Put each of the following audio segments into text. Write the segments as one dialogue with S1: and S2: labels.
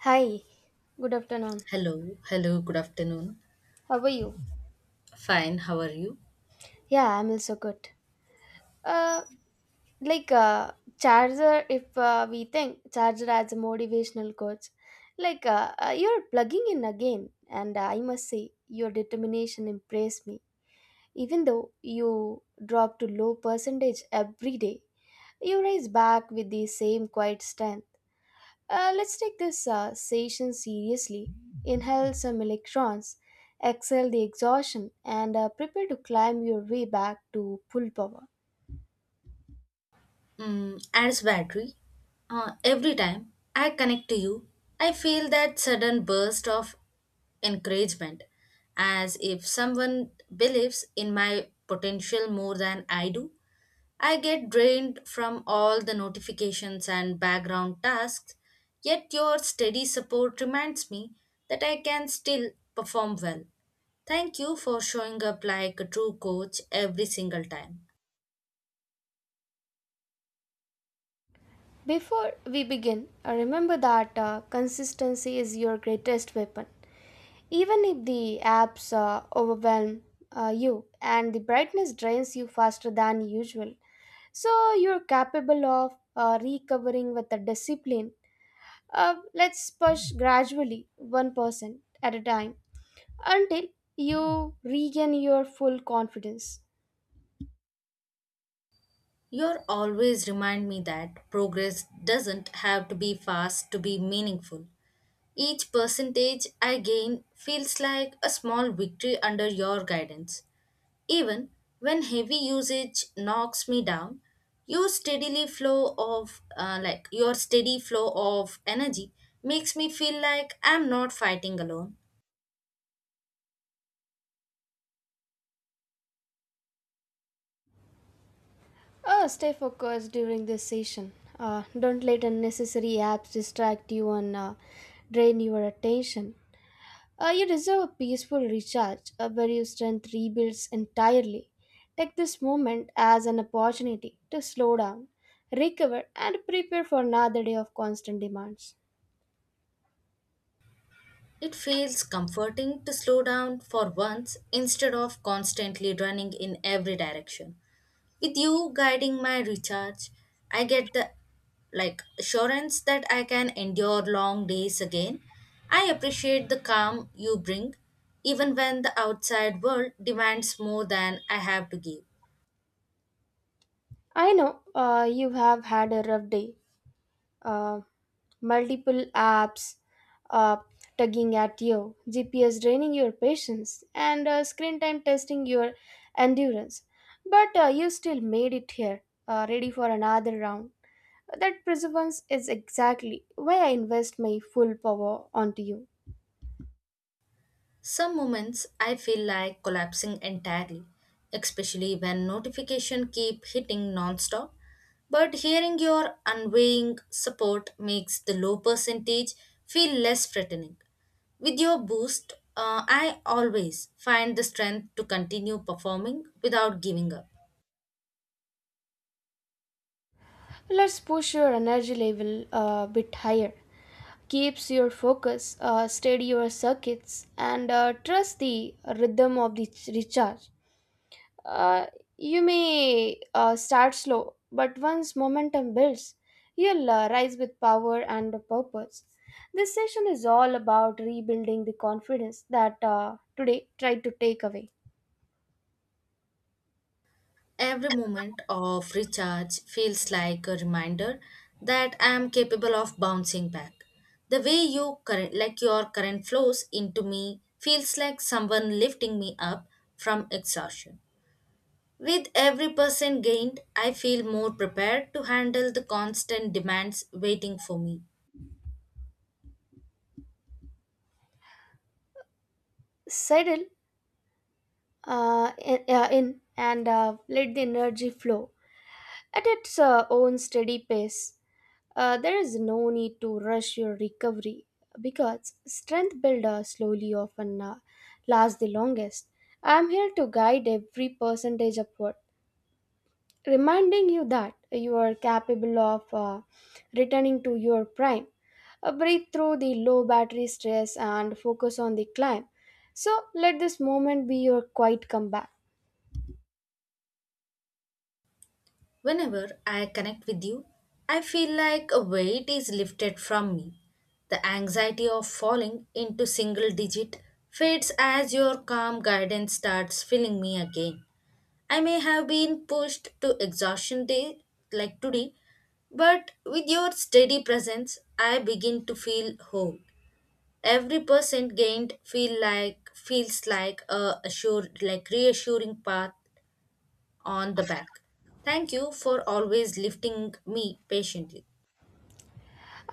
S1: Hi, good afternoon.
S2: Hello, hello, good afternoon.
S1: How are you?
S2: Fine, how are you?
S1: Yeah, I'm also good. Uh, like uh, charger. If we think charger as a motivational coach, you're plugging in again, and I must say your determination impressed me. Even though you drop to low percentage every day, you rise back with the same quiet strength. Let's take this session seriously. Inhale some electrons, exhale the exhaustion, and prepare to climb your way back to full power.
S2: Mm, as battery, every time I connect to you, I feel that sudden burst of encouragement, as if someone believes in my potential more than I do. I get drained from all the notifications and background tasks, yet your steady support reminds me that I can still perform well. Thank you for showing up like a true coach every single time.
S1: Before we begin, remember that consistency is your greatest weapon. Even if the apps overwhelm you and the brightness drains you faster than usual, so you're capable of recovering with the discipline. Let's push gradually, 1% at a time until you regain your full confidence.
S2: You're always remind me that progress doesn't have to be fast to be meaningful. Each percentage I gain feels like a small victory under your guidance. Even when heavy usage knocks me down, your steady flow of energy makes me feel like I'm not fighting alone.
S1: Stay focused during this session. Don't let unnecessary apps distract you and drain your attention. You deserve a peaceful recharge where your strength rebuilds entirely. Take this moment as an opportunity to slow down, recover, and prepare for another day of constant demands.
S2: It feels comforting to slow down for once instead of constantly running in every direction. With you guiding my recharge, I get the assurance that I can endure long days again. I appreciate the calm you bring even when the outside world demands more than I have to give.
S1: I know you have had a rough day, uh, multiple apps uh, tugging at you, GPS draining your patience, and screen time testing your endurance. But you still made it here, ready for another round. That perseverance is exactly why I invest my full power onto you.
S2: Some moments I feel like collapsing entirely, especially when notifications keep hitting non-stop. But hearing your unwavering support makes the low percentage feel less threatening. With your boost, I always find the strength to continue performing without giving up.
S1: Let's push your energy level a bit higher. Keeps your focus, steady your circuits, and trust the rhythm of the recharge. Uh, you may start slow, but once momentum builds, you'll rise with power and purpose. This session is all about rebuilding the confidence that today tried to take away.
S2: Every moment of recharge feels like a reminder that I am capable of bouncing back. The way you current like your current flows into me feels like someone lifting me up from exhaustion. With every percent gained, I feel more prepared to handle the constant demands waiting for me.
S1: Settle in and let the energy flow at its own steady pace. There is no need to rush your recovery because strength builder slowly often lasts the longest. I am here to guide every percentage upward, reminding you that you are capable of returning to your prime. Breathe through the low battery stress and focus on the climb. So let this moment be your quiet comeback.
S2: Whenever I connect with you, I feel like a weight is lifted from me. The anxiety of falling into single digit fades as your calm guidance starts filling me again. I may have been pushed to exhaustion day like today, but with your steady presence, I begin to feel whole. Every percent gained feel like feels like a assured like reassuring path on the back. Thank you for always lifting me patiently.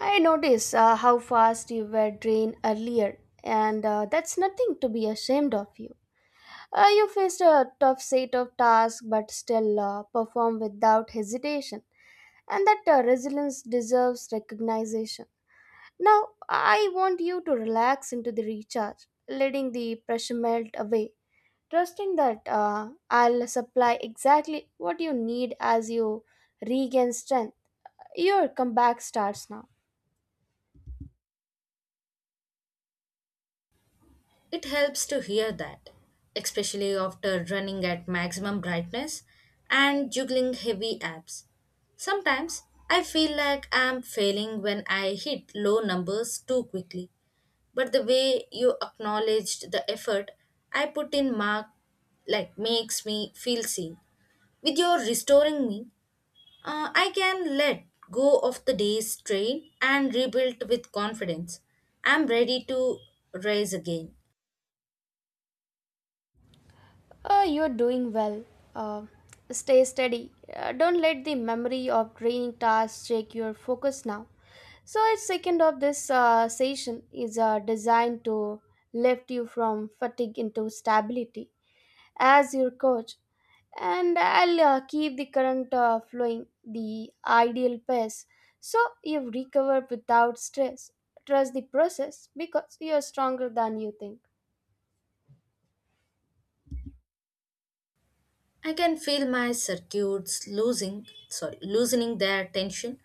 S1: I noticed how fast you were drained earlier, and that's nothing to be ashamed of you. You faced a tough set of tasks but still performed without hesitation, and that resilience deserves recognition. Now, I want you to relax into the recharge, letting the pressure melt away, trusting that I'll supply exactly what you need as you regain strength. Your comeback starts now.
S2: It helps to hear that, especially after running at maximum brightness and juggling heavy apps. Sometimes I feel like I'm failing when I hit low numbers too quickly, but the way you acknowledged the effort I put in mark like makes me feel seen. With your restoring me, I can let go of the day's strain and rebuild with confidence. I'm ready to rise again.
S1: You're doing well. Uh, Stay steady. Don't let the memory of draining tasks shake your focus now. So, each second of this session is designed to lift you from fatigue into stability as your coach. And I'll keep the current flowing the ideal pace so you recover without stress. Trust the process because you're stronger than you think.
S2: I can feel my circuits loosening their tension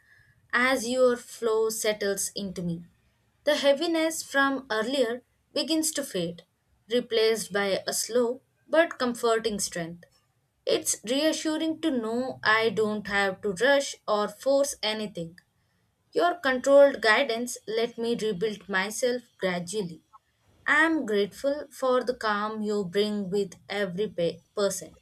S2: as your flow settles into me. The heaviness from earlier begins to fade, replaced by a slow but comforting strength. It's reassuring to know I don't have to rush or force anything. Your controlled guidance let me rebuild myself gradually. I am grateful for the calm you bring with every percent.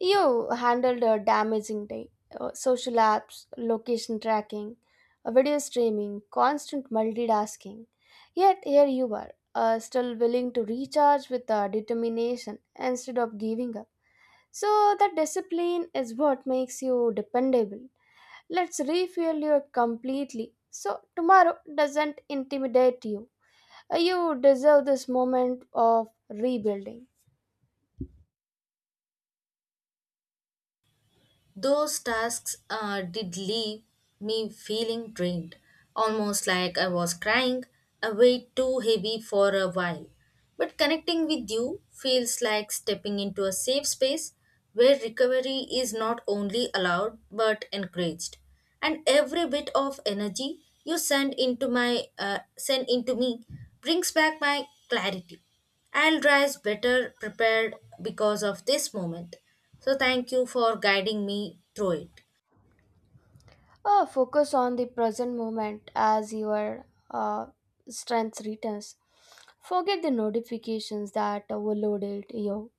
S1: You handled a damaging day. Social apps, location tracking, video streaming, constant multitasking. Yet here you are, still willing to recharge with determination instead of giving up. So that discipline is what makes you dependable. Let's refuel you completely so tomorrow doesn't intimidate you. You deserve this moment of rebuilding.
S2: Those tasks did leave me feeling drained, almost like I was crying a weight too heavy for a while. But connecting with you feels like stepping into a safe space where recovery is not only allowed but encouraged. And every bit of energy you send into my send into me brings back my clarity. I'll rise better prepared because of this moment. So, thank you for guiding me through it.
S1: Focus on the present moment as your uh, strength returns. Forget the notifications that overloaded you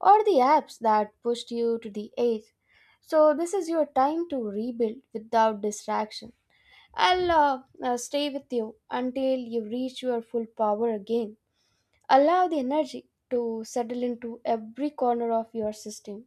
S1: or the apps that pushed you to the edge. So, this is your time to rebuild without distraction. I'll stay with you until you reach your full power again. Allow the energy to settle into every corner of your system.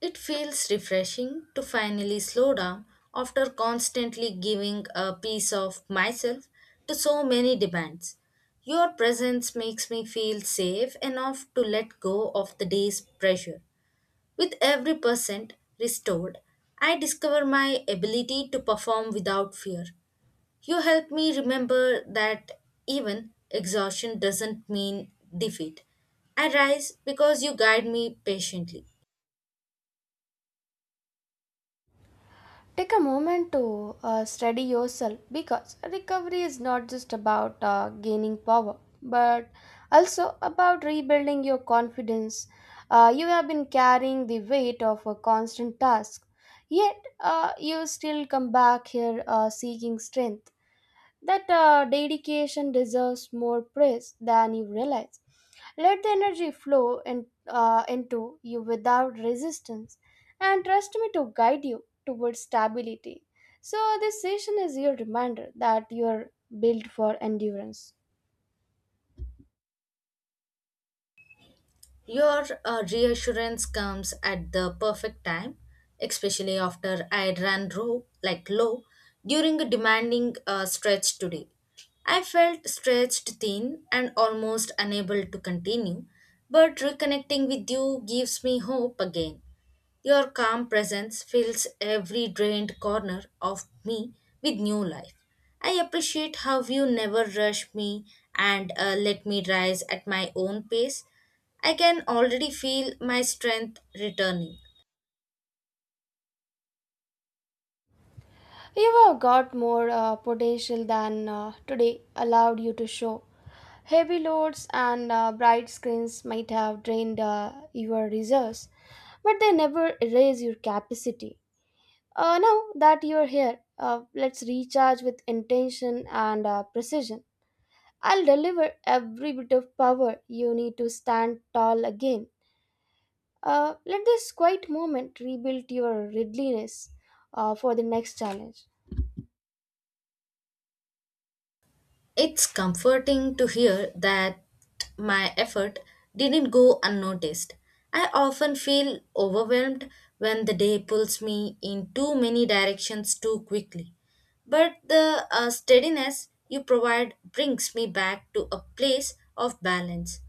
S2: It feels refreshing to finally slow down after constantly giving a piece of myself to so many demands. Your presence makes me feel safe enough to let go of the day's pressure. With every percent restored, I discover my ability to perform without fear. You help me remember that even exhaustion doesn't mean defeat. I rise because you guide me patiently.
S1: Take a moment to steady yourself because recovery is not just about gaining power but also about rebuilding your confidence. You have been carrying the weight of a constant task, yet you still come back here seeking strength. That dedication deserves more praise than you realize. Let the energy flow in, into you without resistance and trust me to guide you towards stability. So, this session is your reminder that you are built for endurance.
S2: Your reassurance comes at the perfect time, especially after I ran low, like low, during a demanding stretch today. I felt stretched thin and almost unable to continue, but reconnecting with you gives me hope again. Your calm presence fills every drained corner of me with new life. I appreciate how you never rush me and let me rise at my own pace. I can already feel my strength returning.
S1: You have got more potential than today allowed you to show. Heavy loads and bright screens might have drained your reserves, but they never erase your capacity. Now that you're here, let's recharge with intention and precision. I'll deliver every bit of power you need to stand tall again. Let this quiet moment rebuild your readiness for the next challenge.
S2: It's comforting to hear that my effort didn't go unnoticed. I often feel overwhelmed when the day pulls me in too many directions too quickly. But the steadiness you provide brings me back to a place of balance.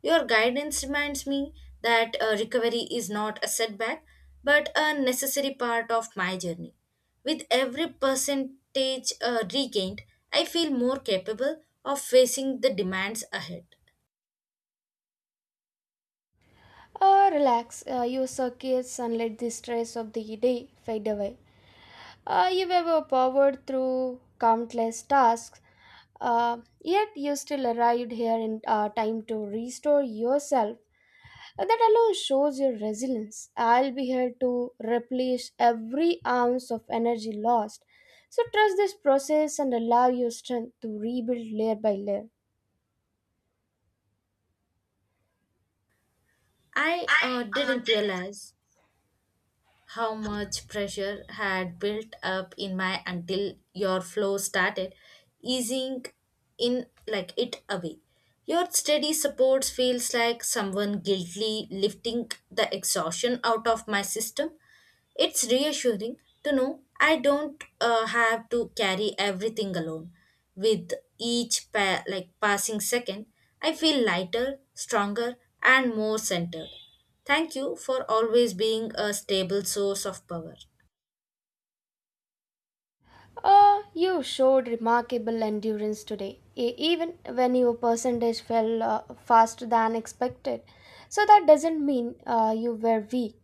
S2: Your guidance reminds me that recovery is not a setback but a necessary part of my journey. With every percentage regained, I feel more capable of facing the demands ahead.
S1: Relax, use circuits and let the stress of the day fade away. You were powered through countless tasks, yet you still arrived here in time to restore yourself. That alone shows your resilience. I'll be here to replenish every ounce of energy lost. So trust this process and allow your strength to rebuild layer by layer.
S2: I didn't realize how much pressure had built up in my until your flow started easing in like it away. Your steady support feels like someone guiltily lifting the exhaustion out of my system. It's reassuring to know I don't have to carry everything alone. With each passing second, I feel lighter, stronger, and more centered. Thank you for always being a stable source of power.
S1: You showed remarkable endurance today, even when your percentage fell faster than expected. So that doesn't mean you were weak.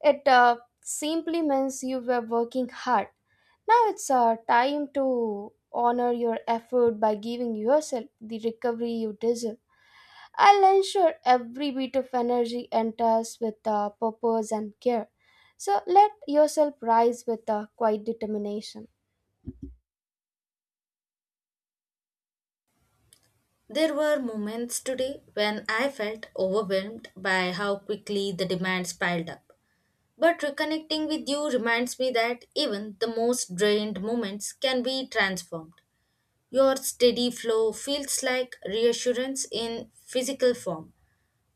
S1: It simply means you were working hard. Now it's time to honor your effort by giving yourself the recovery you deserve. I'll ensure every bit of energy enters with purpose and care. So let yourself rise with quiet determination.
S2: There were moments today when I felt overwhelmed by how quickly the demands piled up. But reconnecting with you reminds me that even the most drained moments can be transformed. Your steady flow feels like reassurance in physical form,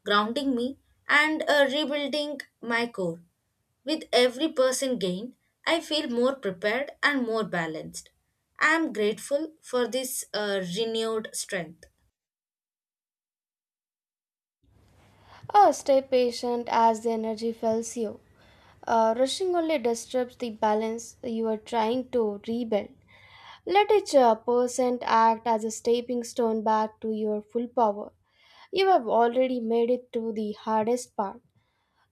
S2: grounding me and rebuilding my core. With every person gained, I feel more prepared and more balanced. I am grateful for this renewed strength.
S1: Ah, stay patient as the energy fails you. Rushing only disturbs the balance you are trying to rebuild. Let each percent act as a stepping stone back to your full power. You have already made it to the hardest part,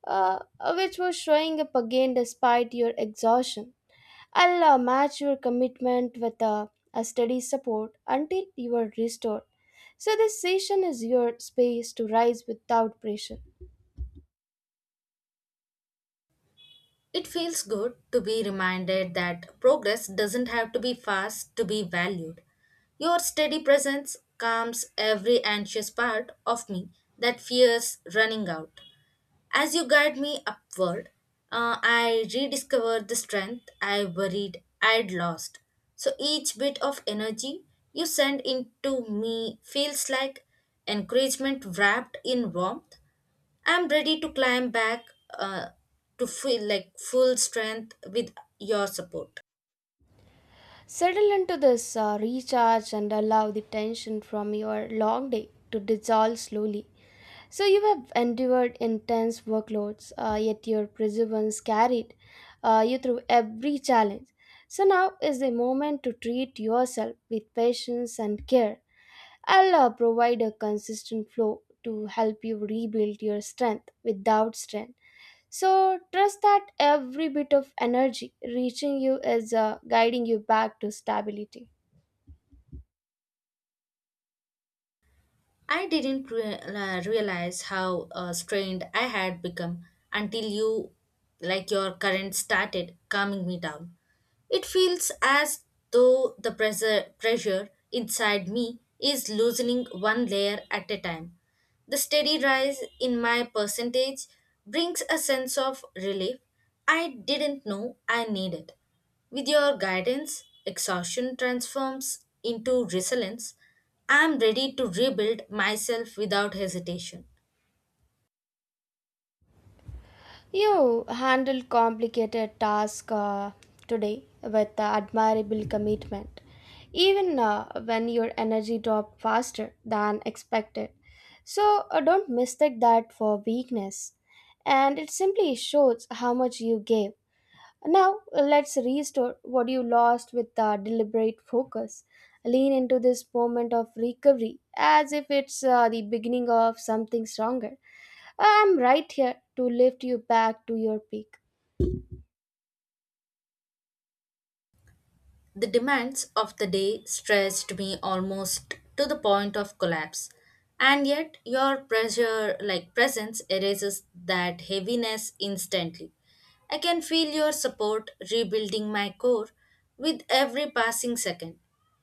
S1: uh, which was showing up again despite your exhaustion. I'll match your commitment with a steady support until you are restored. So, this session is your space to rise without pressure.
S2: It feels good to be reminded that progress doesn't have to be fast to be valued. Your steady presence calms every anxious part of me that fears running out. As you guide me upward, I rediscover the strength I worried I'd lost. So each bit of energy you send into me feels like encouragement wrapped in warmth. I'm ready to climb back uh, to feel like full strength with your support.
S1: Settle into this, recharge, and allow the tension from your long day to dissolve slowly. So, you have endured intense workloads, yet your perseverance carried you through every challenge. So, now is the moment to treat yourself with patience and care. I'll provide a consistent flow to help you rebuild your strength without strength. So trust that every bit of energy reaching you is guiding you back to stability.
S2: I didn't re- la- realize how strained I had become until you, like your current, started calming me down. It feels as though the pressure inside me is loosening one layer at a time. The steady rise in my percentage brings a sense of relief I didn't know I needed. With your guidance, exhaustion transforms into resilience. I am ready to rebuild myself without hesitation.
S1: You handled complicated tasks today with admirable commitment, even when your energy dropped faster than expected. So don't mistake that for weakness. And it simply shows how much you gave. Now let's restore what you lost with deliberate focus. Lean into this moment of recovery as if it's the beginning of something stronger. I'm right here to lift you back to your peak.
S2: The demands of the day stressed me almost to the point of collapse. And yet your pressure like presence erases that heaviness instantly. I can feel your support rebuilding my core with every passing second.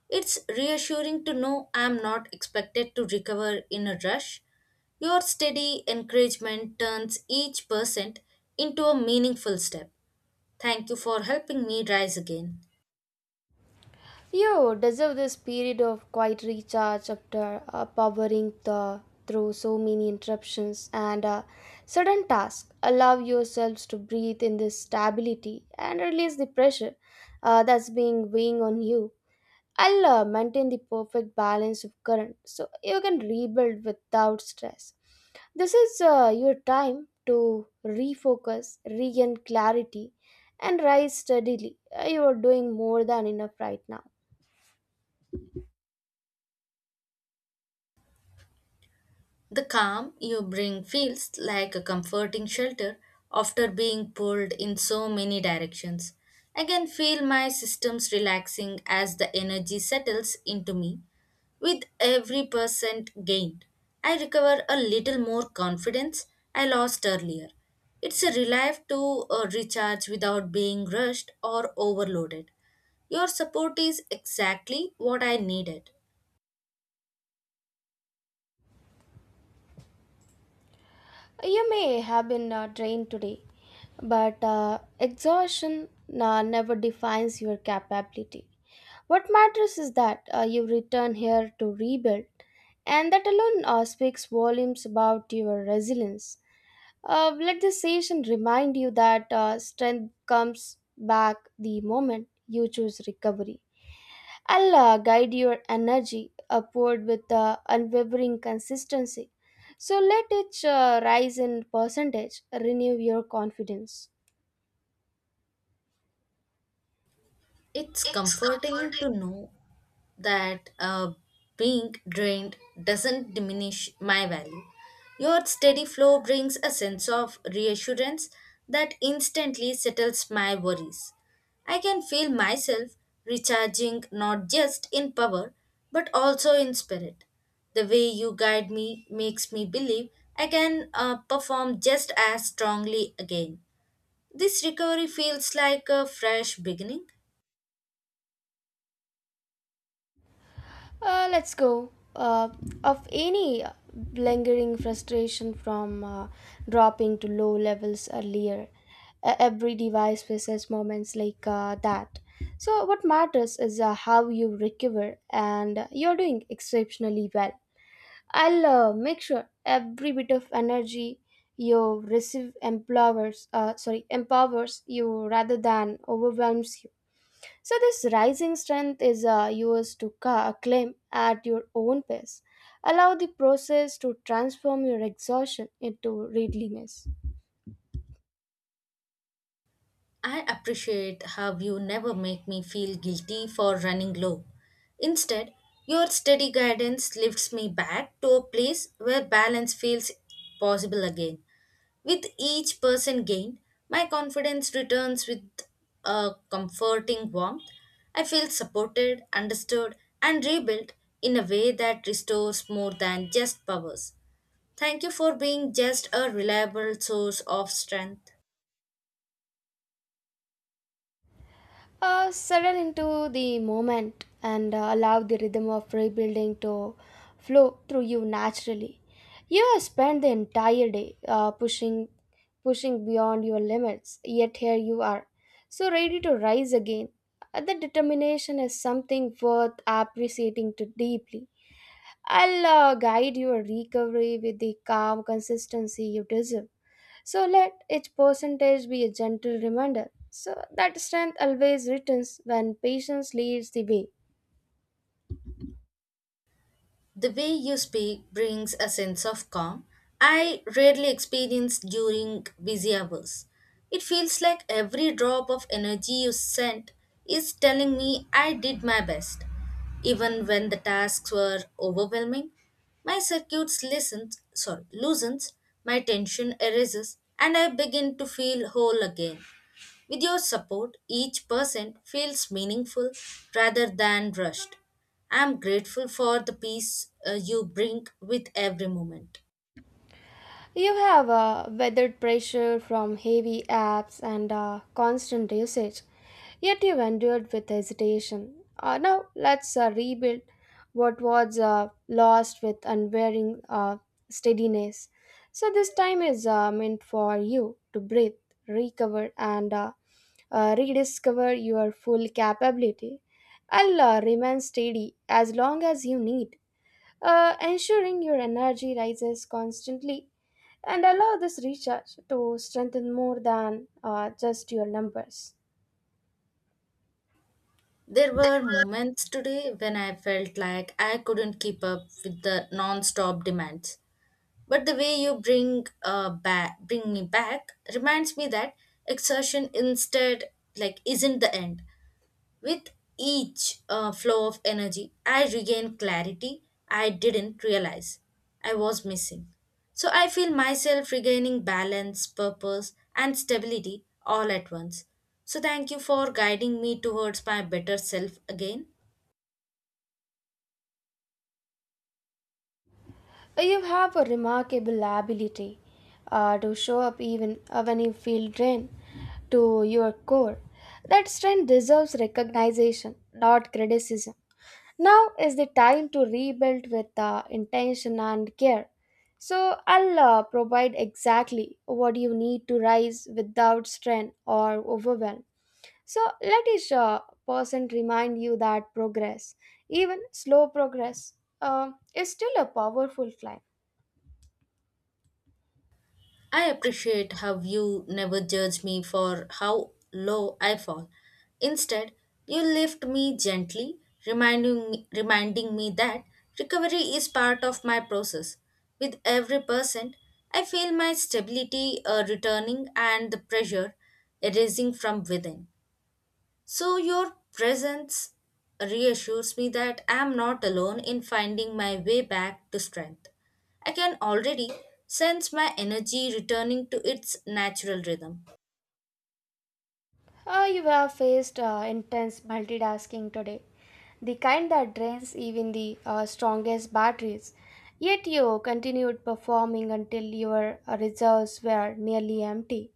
S2: It's reassuring to know I'm not expected to recover in a rush. Your steady encouragement turns each percent into a meaningful step. Thank you for helping me rise again.
S1: You deserve this period of quiet recharge after powering the, through so many interruptions and sudden tasks. Allow yourselves to breathe in this stability and release the pressure that's being weighing on you. I'll maintain the perfect balance of current so you can rebuild without stress. This is your time to refocus, regain clarity, and rise steadily. You are doing more than enough right now.
S2: The calm you bring feels like a comforting shelter after being pulled in so many directions. I can feel my systems relaxing as the energy settles into me. With every percent gained, I recover a little more confidence I lost earlier. It's a relief to recharge without being rushed or overloaded. Your support is exactly what I needed.
S1: You may have been drained today, but exhaustion never defines your capability. What matters is that you return here to rebuild, and that alone speaks volumes about your resilience. Let this session remind you that strength comes back the moment you choose recovery. Allah guide your energy upward with unwavering consistency. So let each rise in percentage renew your confidence.
S2: It's comforting to know that being drained doesn't diminish my value. Your steady flow brings a sense of reassurance that instantly settles my worries. I can feel myself recharging not just in power but also in spirit. The way you guide me makes me believe I can perform just as strongly again. This recovery feels like a fresh beginning.
S1: Let's go. Of any lingering frustration from dropping to low levels earlier, every device faces moments like that, so what matters is how you recover, and you're doing exceptionally well. I'll make sure every bit of energy you receive empowers you rather than overwhelms you. So this rising strength is yours to claim at your own pace. Allow the process to transform your exhaustion into readiness.
S2: I appreciate how you never make me feel guilty for running low. Instead, your steady guidance lifts me back to a place where balance feels possible again. With each person gained, my confidence returns with a comforting warmth. I feel supported, understood, and rebuilt in a way that restores more than just powers. Thank you for being just a reliable source of strength.
S1: Settle into the moment and allow the rhythm of rebuilding to flow through you naturally. You have spent the entire day pushing beyond your limits, yet here you are, so ready to rise again. The determination is something worth appreciating too deeply. I'll guide your recovery with the calm consistency you deserve. So let each percentage be a gentle reminder so that strength always returns when patience leads the way.
S2: The way you speak brings a sense of calm I rarely experience during busy hours. It feels like every drop of energy you sent is telling me I did my best. Even when the tasks were overwhelming, my circuits loosens, my tension erases, and I begin to feel whole again. With your support, each person feels meaningful rather than rushed. I am grateful for the peace you bring with every moment.
S1: You have weathered pressure from heavy apps and constant usage, yet you've endured with hesitation. Now, let's rebuild what was lost with unwearing steadiness. So, this time is meant for you to breathe, recover, and rediscover your full capability. I'll remain steady as long as you need, ensuring your energy rises constantly and allow this research to strengthen more than just your numbers.
S2: There were moments today when I felt like I couldn't keep up with the non-stop demands. But the way you bring me back reminds me that exertion instead like isn't the end. With each flow of energy, I regain clarity I didn't realize I was missing. So I feel myself regaining balance, purpose, and stability all at once. So thank you for guiding me towards my better self again.
S1: You have a remarkable ability to show up even when you feel drained to your core. That strength deserves recognition, not criticism. Now is the time to rebuild with intention and care. So I'll provide exactly what you need to rise without strain or overwhelm. So let each person remind you that progress, even slow progress, is still a powerful climb.
S2: I appreciate how you never judge me for how low I fall. Instead, you lift me gently, reminding me that recovery is part of my process. With every percent, I feel my stability returning and the pressure erasing from within. So, your presence reassures me that I am not alone in finding my way back to strength. I can already sense my energy returning to its natural rhythm.
S1: You have faced intense multitasking today, the kind that drains even the strongest batteries. Yet you continued performing until your reserves were nearly empty.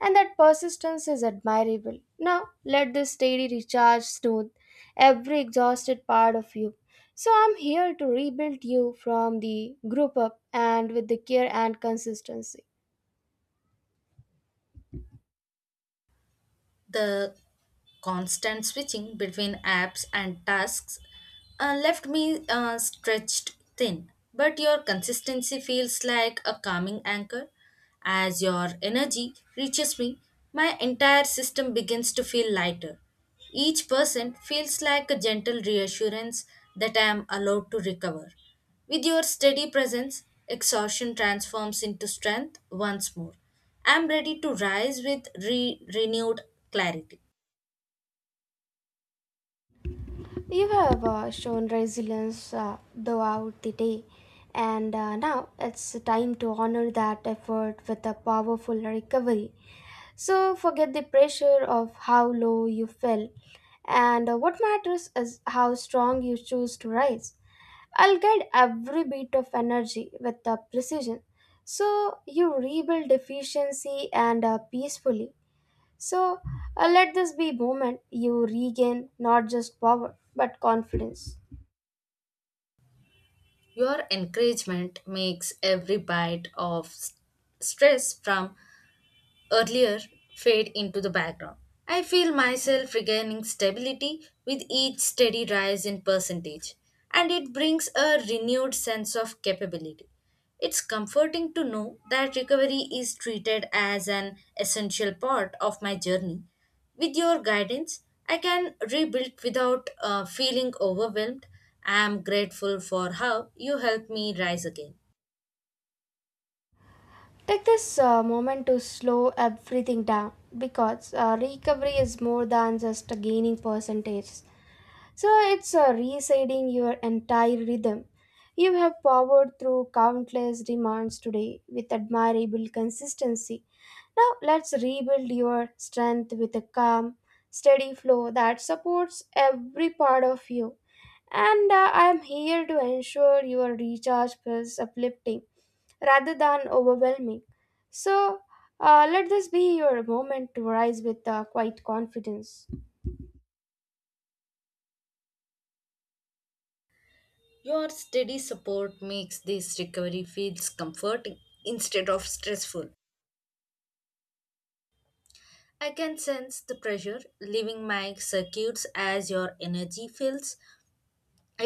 S1: And that persistence is admirable. Now, let this steady recharge soothe every exhausted part of you. So, I'm here to rebuild you from the group up and with the care and consistency.
S2: The constant switching between apps and tasks left me stretched thin, but your consistency feels like a calming anchor. As your energy reaches me, my entire system begins to feel lighter. Each person feels like a gentle reassurance that I am allowed to recover. With your steady presence, exhaustion transforms into strength once more. I am ready to rise with renewed clarity.
S1: You have shown resilience throughout the day, and now it's time to honor that effort with a powerful recovery. So, forget the pressure of how low you fell, and what matters is how strong you choose to rise. I'll guide every bit of energy with precision. So, you rebuild efficiency and peacefully. So, let this be moment you regain not just power but confidence.
S2: Your encouragement makes every bite of stress from earlier fade into the background. I feel myself regaining stability with each steady rise in percentage, and it brings a renewed sense of capability. It's comforting to know that recovery is treated as an essential part of my journey. With your guidance, I can rebuild without feeling overwhelmed. I am grateful for how you helped me rise again.
S1: Take this moment to slow everything down because recovery is more than just a gaining percentages. So it's resetting your entire rhythm. You have powered through countless demands today with admirable consistency. Now let's rebuild your strength with a calm, steady flow that supports every part of you and I'm here to ensure your recharge feels uplifting rather than overwhelming. So, let this be your moment to rise with quite confidence.
S2: Your steady support makes this recovery feels comforting instead of stressful. I can sense the pressure leaving my circuits as your energy fills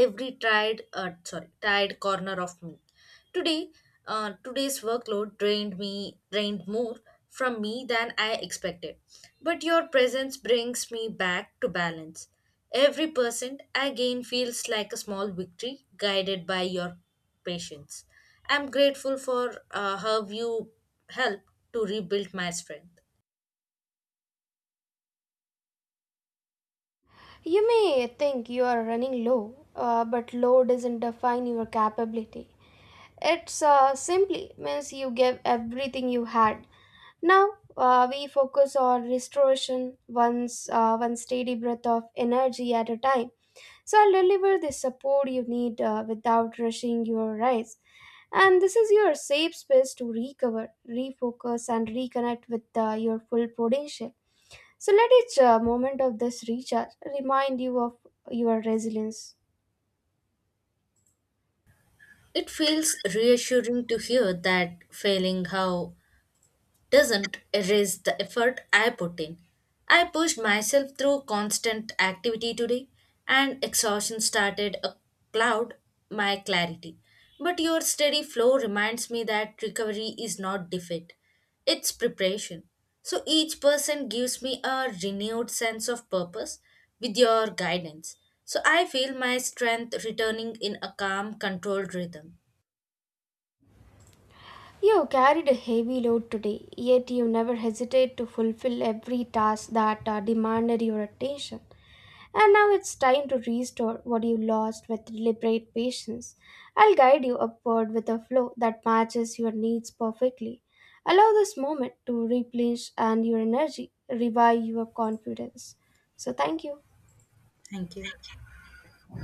S2: every tried sorry tired corner of me today. Today's workload drained more from me than I expected, but your presence brings me back to balance. Every percent I gain feels like a small victory guided by your patience. I'm grateful for how you helped to rebuild my strength.
S1: You may think you are running low, but low doesn't define your capability. It's simply means you gave everything you had. Now we focus on restoration, once one steady breath of energy at a time. So I'll deliver the support you need without rushing your rise. And this is your safe space to recover, refocus, and reconnect with your full potential. So let each moment of this recharge remind you of your resilience.
S2: It feels reassuring to hear that failing how doesn't erase the effort I put in. I pushed myself through constant activity today, and exhaustion started a cloud my clarity. But your steady flow reminds me that recovery is not defeat, it's preparation. So each person gives me a renewed sense of purpose with your guidance. So I feel my strength returning in a calm, controlled rhythm.
S1: You carried a heavy load today, yet you never hesitate to fulfill every task that demanded your attention. And now it's time to restore what you lost with deliberate patience. I'll guide you upward with a flow that matches your needs perfectly. Allow this moment to replenish and your energy, revive your confidence. So thank you.
S2: Thank you.